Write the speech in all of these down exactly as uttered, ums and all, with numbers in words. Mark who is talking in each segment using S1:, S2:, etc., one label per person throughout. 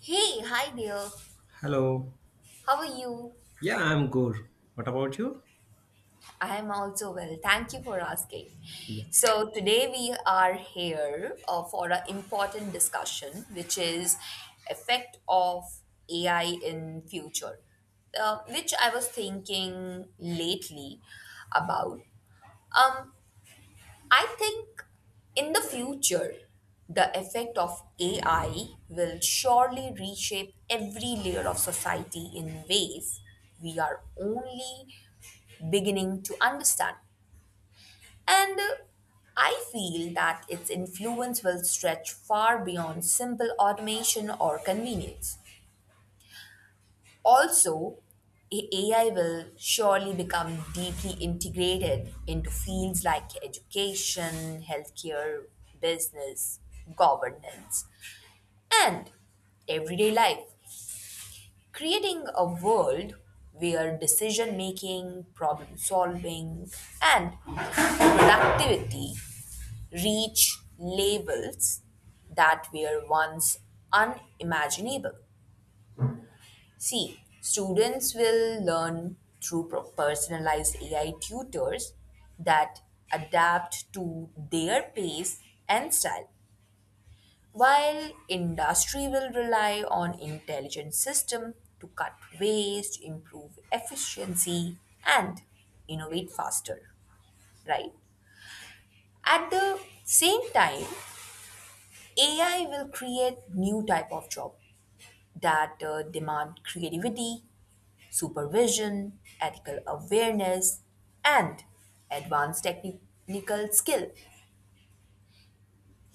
S1: Hey, hi there.
S2: Hello.
S1: How are you?
S2: Yeah, I'm good. What about you?
S1: I am also well. Thank you for asking.
S2: Yeah.
S1: So, today we are here uh, for an important discussion which is effect of A I in future. Uh, which I was thinking lately about. Um, I think in the future the effect of A I will surely reshape every layer of society in ways we are only beginning to understand. And uh, I feel that its influence will stretch far beyond simple automation or convenience. Also, A- AI will surely become deeply integrated into fields like education, healthcare, business, governance, and everyday life, creating a world where decision making, problem solving, and productivity reach levels that were once unimaginable. See, students will learn through pro- personalized A I tutors that adapt to their pace and style, while industry will rely on intelligent system to cut waste, improve efficiency, and innovate faster, right? At the same time, A I will create new type of job that uh, demand creativity, supervision, ethical awareness, and advanced technical skill,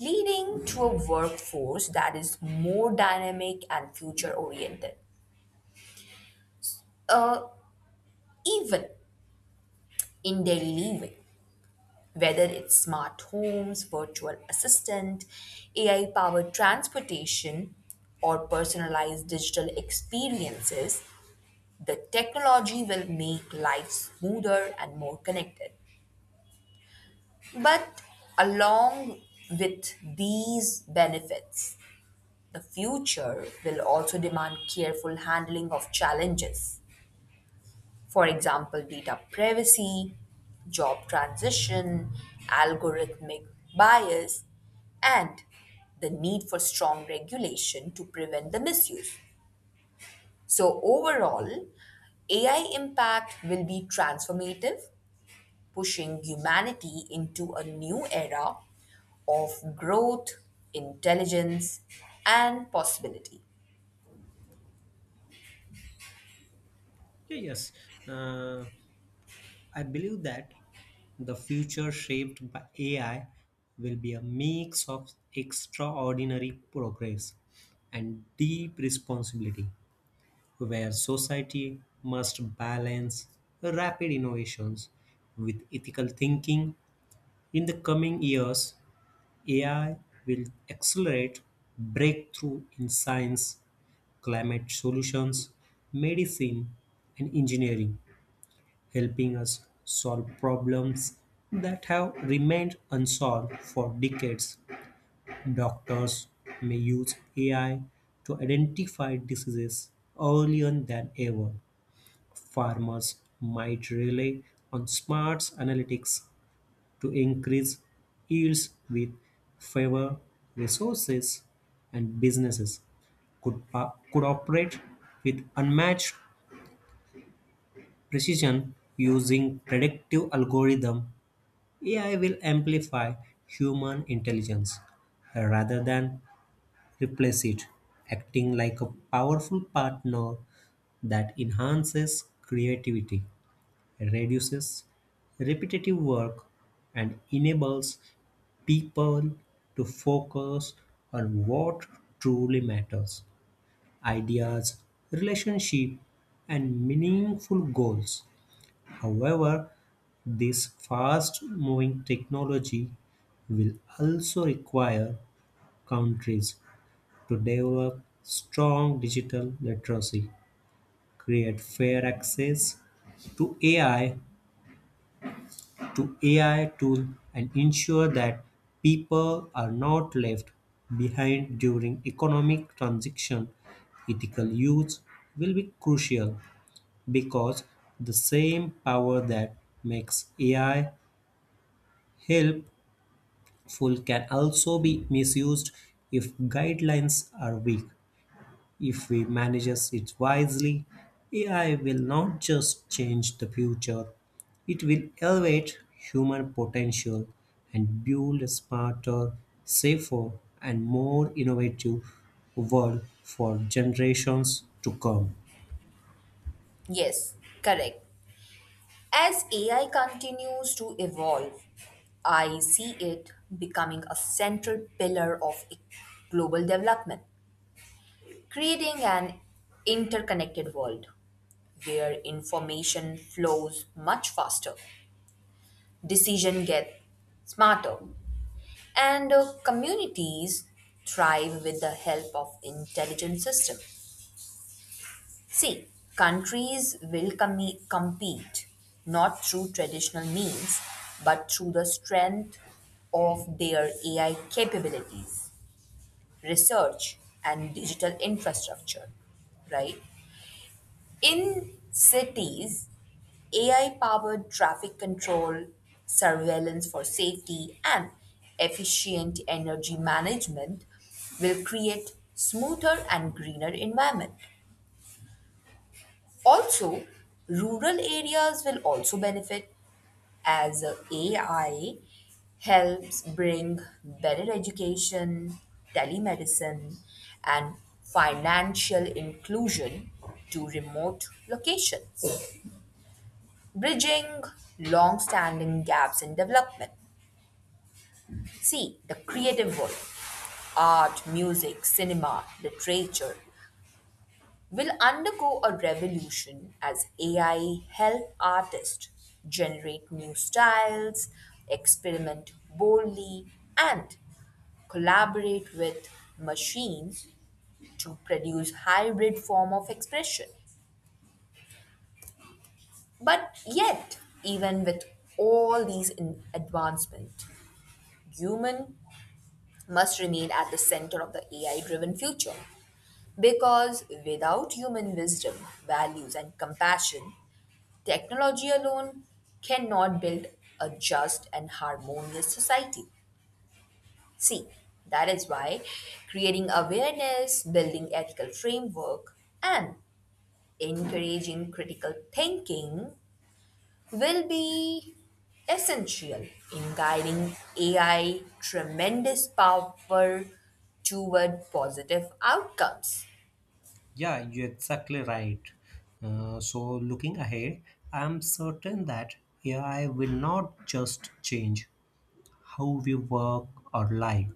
S1: leading to a workforce that is more dynamic and future oriented. Uh, Even in daily living, whether it's smart homes, virtual assistant, A I powered transportation, or personalized digital experiences, the technology will make life smoother and more connected. But along with these benefits, the future will also demand careful handling of challenges. For example, data privacy, job transition, algorithmic bias, and the need for strong regulation to prevent the misuse. So, overall, A I impact will be transformative, pushing humanity into a new era of growth, intelligence, and possibility.
S2: Yeah, yes. Uh, I believe that the future shaped by A I will be a mix of extraordinary progress and deep responsibility, where society must balance rapid innovations with ethical thinking in the coming years. A I will accelerate breakthrough in science, climate solutions, medicine, and engineering, helping us solve problems that have remained unsolved for decades. Doctors may use A I to identify diseases earlier than ever. Farmers might rely on smart analytics to increase yields with favor resources, and businesses could, pa- could operate with unmatched precision using predictive algorithm. A I will amplify human intelligence, uh, rather than replace it, acting like a powerful partner that enhances creativity, reduces repetitive work, and enables people to focus on what truly matters: ideas, relationship, and meaningful goals. However, this fast moving technology will also require countries to develop strong digital literacy, create fair access to A I, to A I tool, and ensure that people are not left behind during economic transition. Ethical use will be crucial because the same power that makes A I helpful can also be misused if guidelines are weak. If we manage it wisely, A I will not just change the future, it will elevate human potential and build a smarter, safer, and more innovative world for generations to come.
S1: Yes, correct. As A I continues to evolve, I see it becoming a central pillar of e- global development, creating an interconnected world where information flows much faster, decision get smarter, and uh, communities thrive with the help of intelligent system. See, countries will commi- compete not through traditional means but through the strength of their A I capabilities, research and digital infrastructure, right? In cities, A I powered traffic control, surveillance for safety, and efficient energy management will create smoother and greener environment. Also, rural areas will also benefit as A I helps bring better education, telemedicine, and financial inclusion to remote locations, bridging long-standing gaps in development. See, the creative world, art, music, cinema, literature, will undergo a revolution as A I help artists generate new styles, experiment boldly, and collaborate with machines to produce hybrid form of expression. But yet even with all these in advancement, human must remain at the center of the A I driven future. Because without human wisdom, values, and compassion, technology alone cannot build a just and harmonious society. See, that is why creating awareness, building ethical framework, and encouraging critical thinking will be essential in guiding A I tremendous power toward positive outcomes.
S2: Yeah, you're exactly right. Uh, so, looking ahead, I'm certain that A I will not just change how we work or live.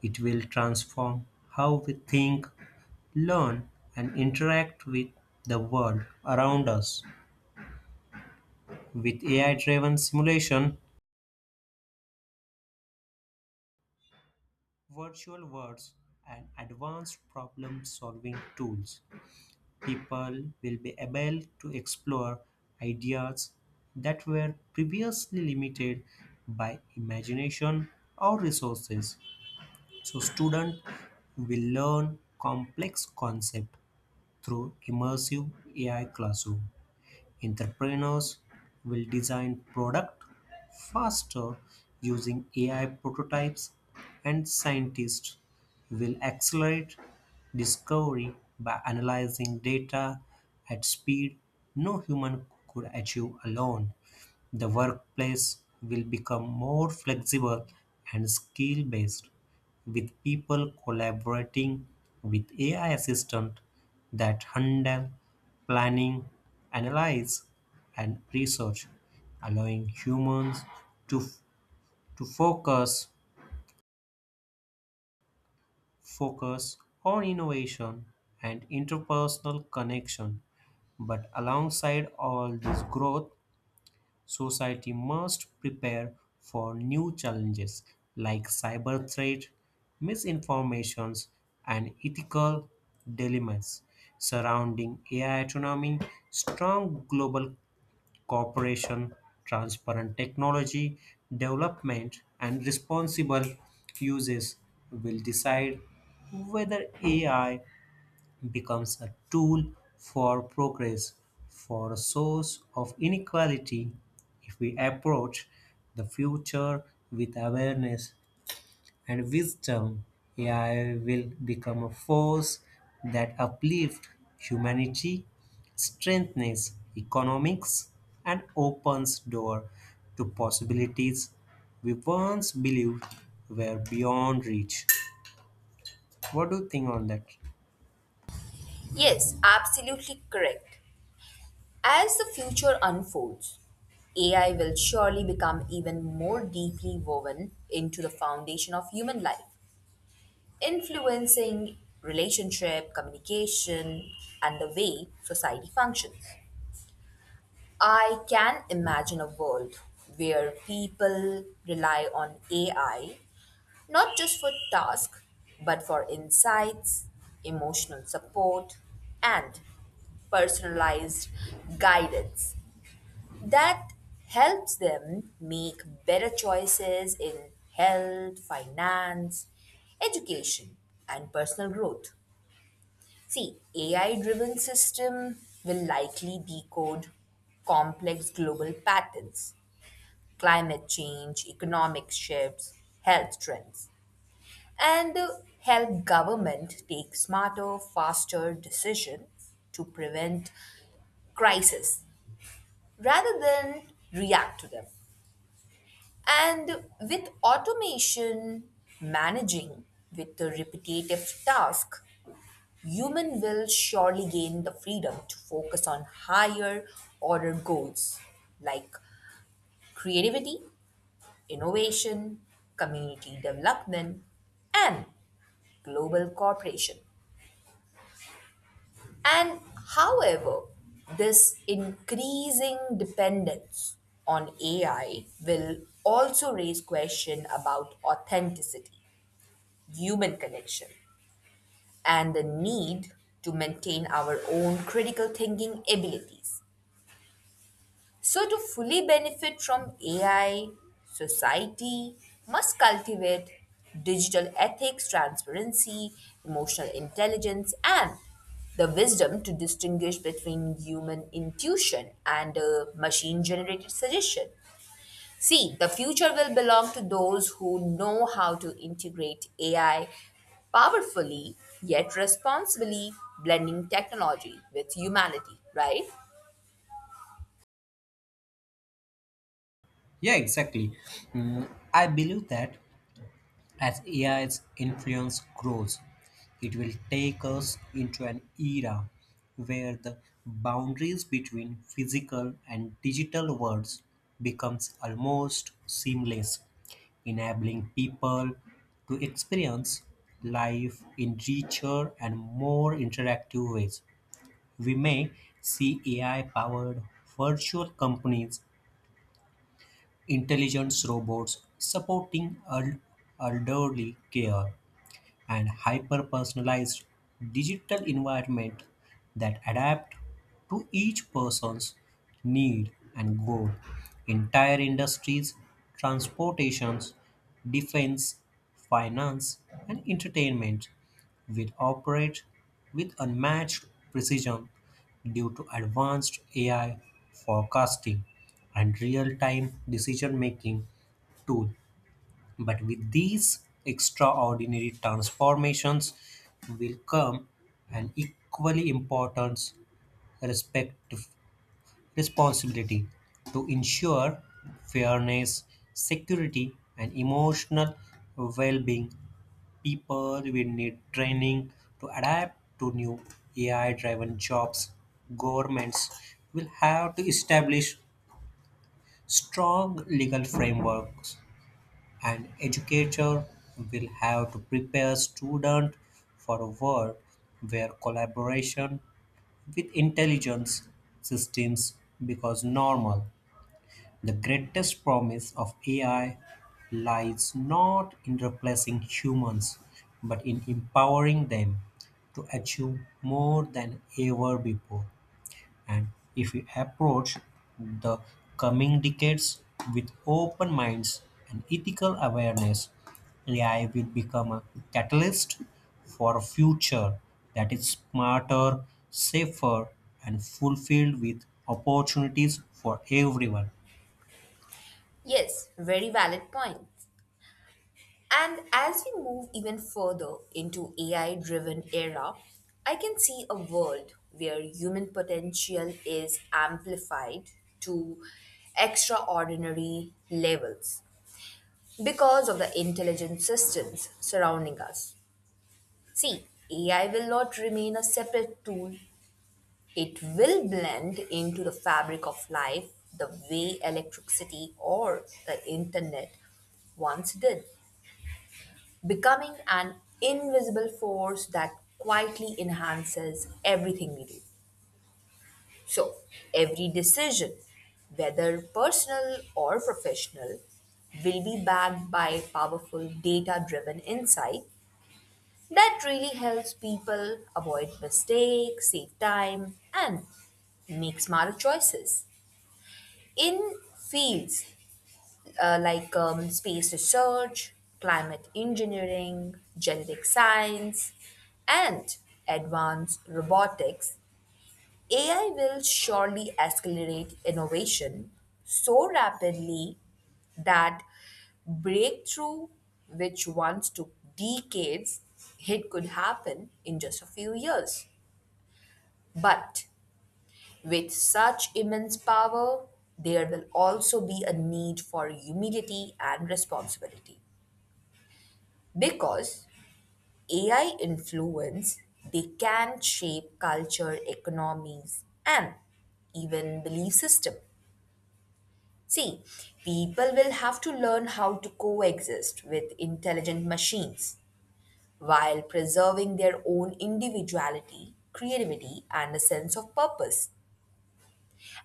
S2: It will transform how we think, learn, and interact with the world around us. With A I driven simulation, virtual worlds, and advanced problem solving tools, people will be able to explore ideas that were previously limited by imagination or resources. So, students will learn complex concepts through immersive A I classroom, entrepreneurs will design product faster using A I prototypes, and scientists will accelerate discovery by analyzing data at speed no human could achieve alone. The workplace will become more flexible and skill based, with people collaborating with A I assistant that handle planning, analyze, and research, allowing humans to, to focus focus on innovation and interpersonal connection. But alongside all this growth, society must prepare for new challenges like cyber threat, misinformations, and ethical dilemmas surrounding A I autonomy. Strong global cooperation, transparent technology development, and responsible uses will decide whether A I becomes a tool for progress, for a source of inequality. If we approach the future with awareness and wisdom, A I will become a force that uplifts humanity, strengthens economics, and opens door to possibilities we once believed were beyond reach. What do you think on that?
S1: Yes, absolutely correct. As the future unfolds, A I will surely become even more deeply woven into the foundation of human life, influencing relationship, communication, and the way society functions. I can imagine a world where people rely on A I not just for tasks, but for insights, emotional support, and personalized guidance that helps them make better choices in health, finance, education, and personal growth. See, A I driven system will likely decode complex global patterns, climate change, economic shifts, health trends, and uh, help government take smarter, faster decisions to prevent crisis rather than react to them. And with automation managing with the repetitive task, human will surely gain the freedom to focus on higher order goals like creativity, innovation, community development, and global cooperation. And however, this increasing dependence on A I will also raise question about authenticity, human connection, and the need to maintain our own critical thinking abilities. So, to fully benefit from A I, society must cultivate digital ethics, transparency, emotional intelligence, and the wisdom to distinguish between human intuition and uh, machine generated suggestion. See, the future will belong to those who know how to integrate A I powerfully yet responsibly, blending technology with humanity, right?
S2: Yeah, exactly. Mm, I believe that as AI's influence grows, it will take us into an era where the boundaries between physical and digital worlds becomes almost seamless, enabling people to experience life in richer and more interactive ways. We may see A I powered virtual companies, intelligence robots supporting el- elderly care, and hyper-personalized digital environment that adapt to each person's need and goal. Entire industries, transportations, defense, finance, and entertainment will operate with unmatched precision due to advanced A I forecasting and real-time decision-making tool. But with these extraordinary transformations will come an equally important respect, responsibility to ensure fairness, security, and emotional well-being. People will need training to adapt to new A I-driven jobs. Governments will have to establish strong legal frameworks, an educator will have to prepare students for a world where collaboration with intelligence systems becomes normal. The greatest promise of A I lies not in replacing humans, but in empowering them to achieve more than ever before. And if we approach the coming decades with open minds and ethical awareness, A I will become a catalyst for a future that is smarter, safer, and fulfilled with opportunities for everyone.
S1: Yes, very valid point. And as we move even further into A I driven era, I can see a world where human potential is amplified to extraordinary levels because of the intelligent systems surrounding us. See, A I will not remain a separate tool. It will blend into the fabric of life the way electricity or the internet once did, becoming an invisible force that quietly enhances everything we do. So, every decision, whether personal or professional, will be backed by powerful data driven insight that really helps people avoid mistakes, save time, and make smarter choices. In fields uh, like um, space research, climate engineering, genetic science, and advanced robotics, A I will surely accelerate innovation so rapidly that breakthrough, which once took decades, it could happen in just a few years. But with such immense power, there will also be a need for humility and responsibility. Because A I influence, they can shape culture, economies, and even belief system. See, people will have to learn how to coexist with intelligent machines while preserving their own individuality, creativity, and a sense of purpose.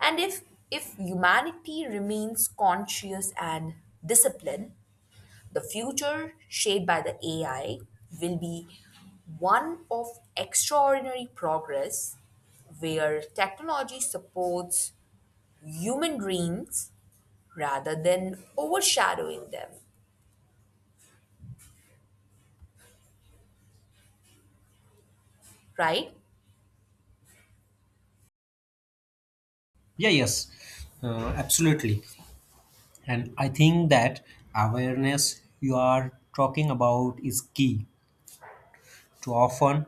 S1: And if if humanity remains conscious and disciplined, the future, shaped by the A I, will be one of extraordinary progress where technology supports human dreams rather than overshadowing them, right?
S2: Yeah, yes, uh, absolutely. And I think that awareness you are talking about is key. Too often,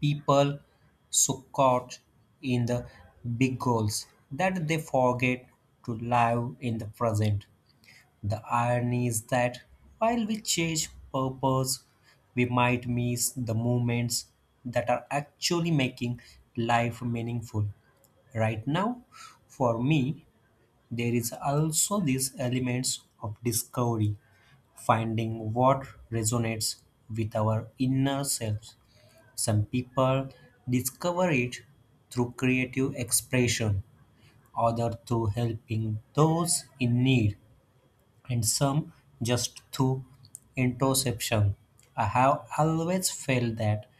S2: people so caught in the big goals that they forget to live in the present. The irony is that while we chase purpose, we might miss the moments that are actually making life meaningful right now. For me, there is also these elements of discovery, finding what resonates with our inner selves. Some people discover it through creative expression, others through helping those in need, and some just through introspection. I have always felt that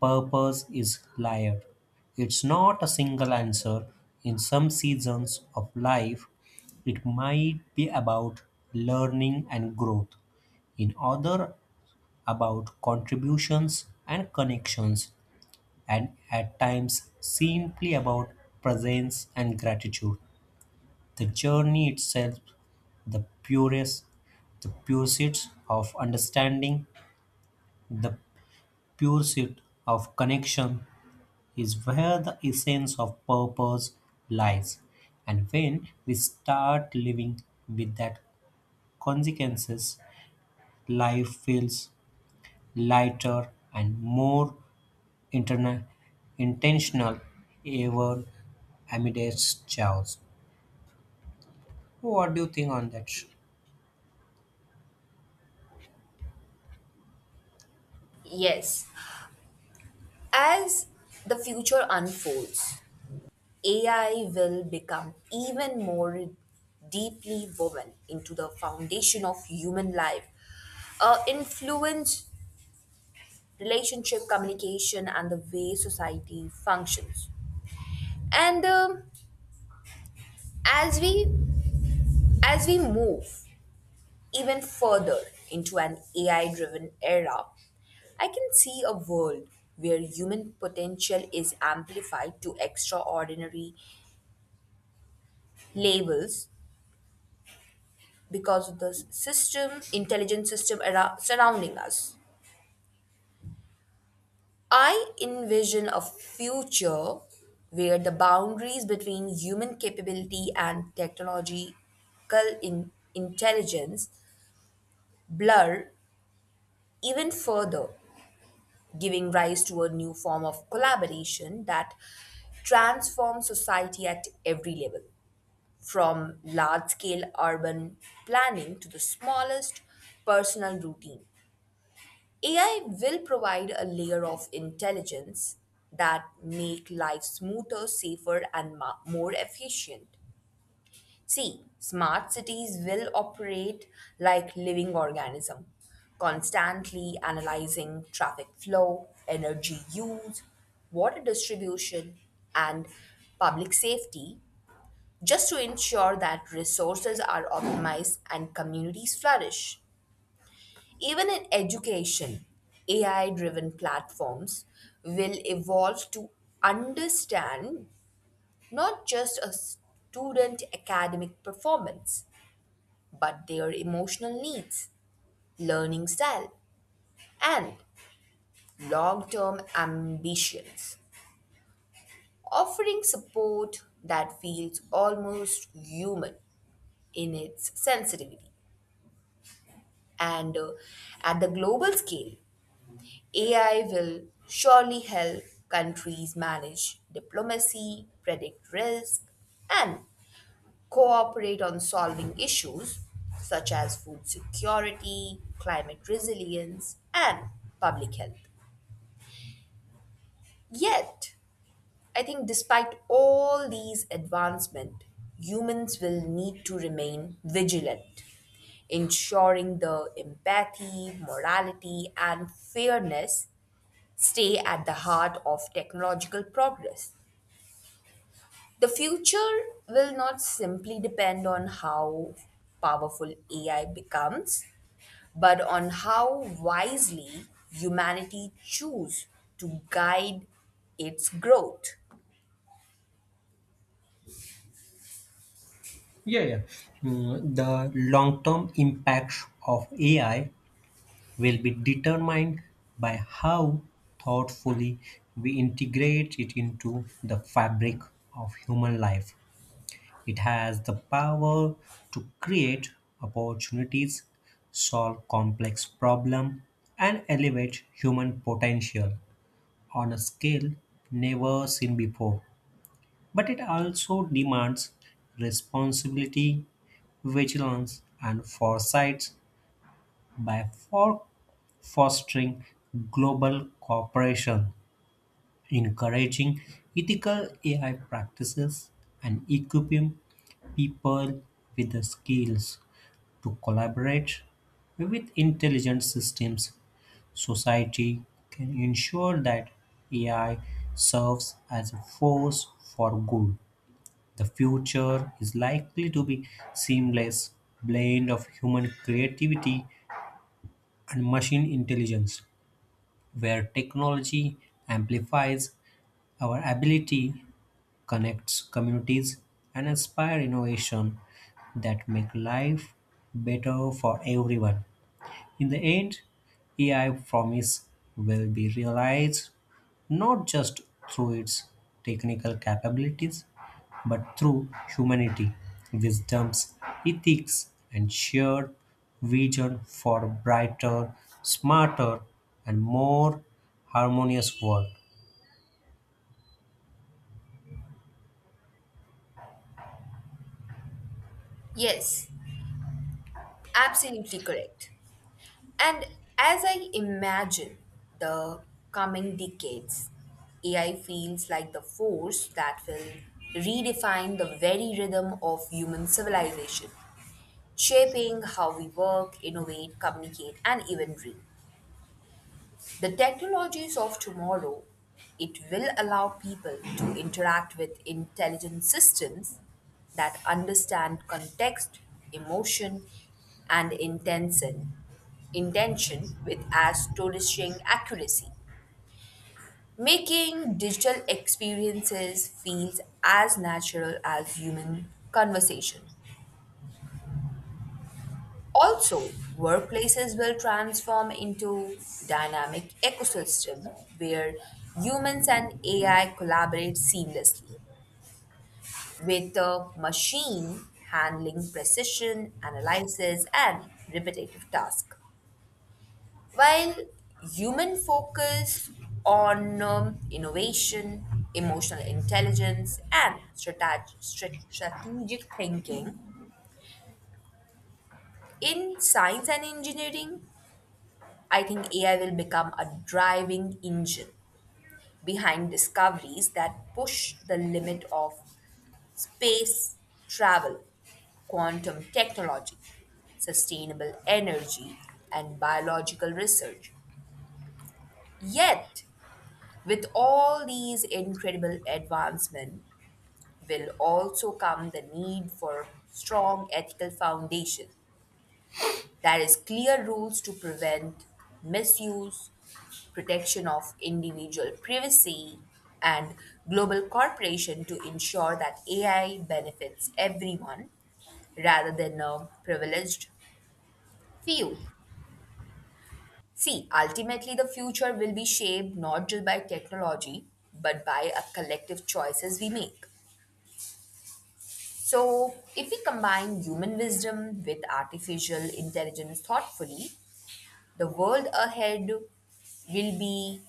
S2: purpose is layered. It's not a single answer. In some seasons of life, it might be about learning and growth, in other about contributions and connections, and at times simply about presence and gratitude. The journey itself, the purest, the pursuit of understanding, the pursuit of connection, is where the essence of purpose lies. And when we start living with that consequences, life feels lighter and more interna- intentional ever amidst chaos. What do you think on that?
S1: Yes. As the future unfolds, A I will become even more deeply woven into the foundation of human life, a influence relationship, communication, and the way society functions. And um, as we as we move even further into an A I-driven era, I can see a world where human potential is amplified to extraordinary levels because of the system, intelligent system ara- surrounding us. I envision a future where the boundaries between human capability and technological in- intelligence blur even further, giving rise to a new form of collaboration that transforms society at every level, from large scale urban planning to the smallest personal routine. A I will provide a layer of intelligence that make life smoother, safer, and ma- more efficient. See, smart cities will operate like living organism, constantly analyzing traffic flow, energy use, water distribution, and public safety just to ensure that resources are optimized and communities flourish. Even in education, A I driven platforms will evolve to understand not just a student academic performance, but their emotional needs, learning style, and long term ambitions, offering support that feels almost human in its sensitivity. And uh, at the global scale, A I will surely help countries manage diplomacy, predict risk, and cooperate on solving issues such as food security, climate resilience, and public health. Yet, I think despite all these advancements, humans will need to remain vigilant, ensuring the empathy, morality, and fairness stay at the heart of technological progress. The future will not simply depend on how powerful A I becomes, but on how wisely humanity choose to guide its growth.
S2: Yeah, yeah. Mm, the long term impact of A I will be determined by how thoughtfully we integrate it into the fabric of human life. It has the power to create opportunities, solve complex problems, and elevate human potential on a scale never seen before. But it also demands responsibility, vigilance, and foresight by for- fostering global cooperation, encouraging ethical A I practices, and equipping people with the skills to collaborate with intelligent systems. Society can ensure that A I serves as a force for good. The future is likely to be seamless blend of human creativity and machine intelligence, where technology amplifies our ability, connects communities, and inspire innovation that make life better for everyone. In the end, A I promise will be realized not just through its technical capabilities, but through humanity, wisdoms, ethics, and shared vision for a brighter, smarter, and more harmonious world.
S1: Yes, absolutely correct. And as I imagine the coming decades, A I feels like the force that will redefine the very rhythm of human civilization, shaping how we work, innovate, communicate, and even dream. The technologies of tomorrow, it will allow people to interact with intelligent systems that understand context, emotion, and intention intention with astonishing accuracy, making digital experiences feel as natural as human conversation. Also, workplaces will transform into dynamic ecosystem where humans and A I collaborate seamlessly, with the machine handling precision analysis and repetitive tasks. While human focus on um, innovation, emotional intelligence, and strate- stra- strategic thinking, in science and engineering, I think A I will become a driving engine behind discoveries that push the limit of space travel, quantum technology, sustainable energy, and biological research. Yet, with all these incredible advancements will also come the need for strong ethical foundation. That is clear rules to prevent misuse, protection of individual privacy, and global cooperation to ensure that A I benefits everyone rather than a privileged few. See, ultimately, the future will be shaped not just by technology, but by a collective choices we make. So, if we combine human wisdom with artificial intelligence thoughtfully, the world ahead will be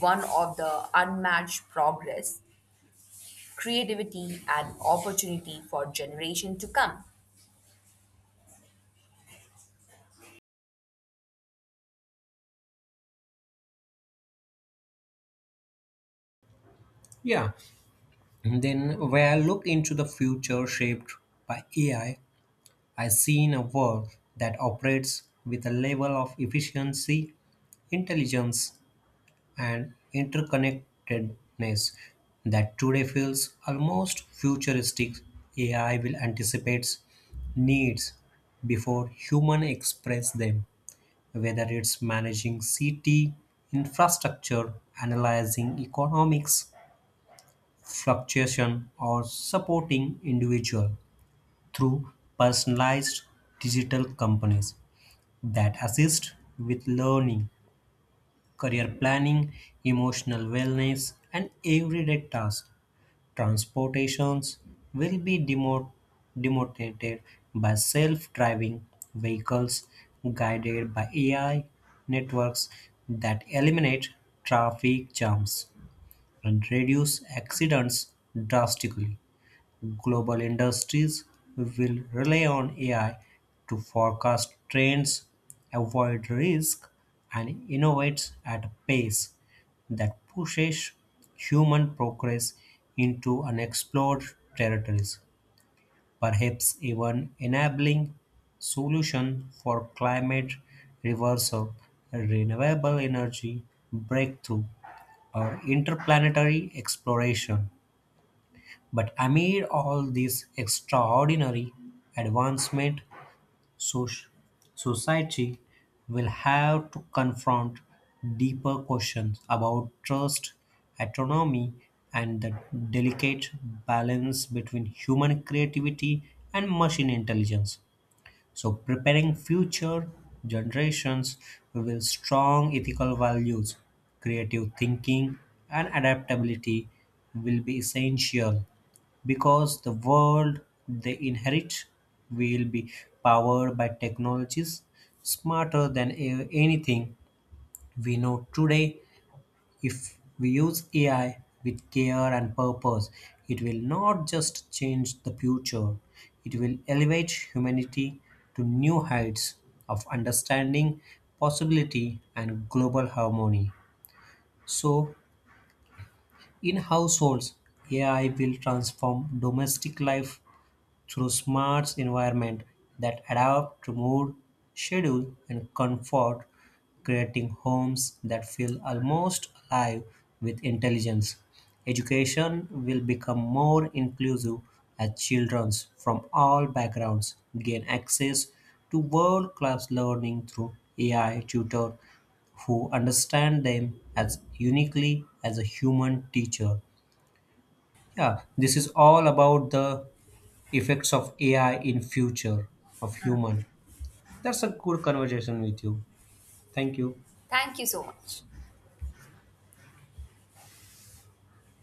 S1: one of the unmatched progress, creativity, and opportunity for generation to come.
S2: Yeah. And then when I look into the future shaped by A I, I see in a world that operates with a level of efficiency, intelligence, and interconnectedness that today feels almost futuristic. A I will anticipate needs before human express them, whether it's managing city infrastructure, analyzing economics fluctuation, or supporting individual through personalized digital companies that assist with learning, career planning, emotional wellness, and everyday tasks. Transportations will be demo- demotivated by self driving vehicles guided by A I networks that eliminate traffic jams and reduce accidents drastically. Global industries will rely on A I to forecast trends, avoid risk, and innovate at a pace that pushes human progress into unexplored territories, perhaps even enabling solution for climate reversal, renewable energy breakthrough, or interplanetary exploration. But amid all this extraordinary advancement, soc- society will have to confront deeper questions about trust, autonomy, and the delicate balance between human creativity and machine intelligence. So preparing future generations with strong ethical values, creative thinking, and adaptability will be essential because the world they inherit will be powered by technologies smarter than a- anything we know today. If we use A I with care and purpose, it will not just change the future, it will elevate humanity to new heights of understanding, possibility, and global harmony. So, in households, A I will transform domestic life through smart environment that adapt to mood, schedule, and comfort, creating homes that feel almost alive with intelligence. Education will become more inclusive as children from all backgrounds gain access to world class learning through A I tutor who understand them as uniquely as a human teacher. Yeah, this is all about the effects of A I in future of human. That's a good conversation with you. Thank you.
S1: Thank you so much.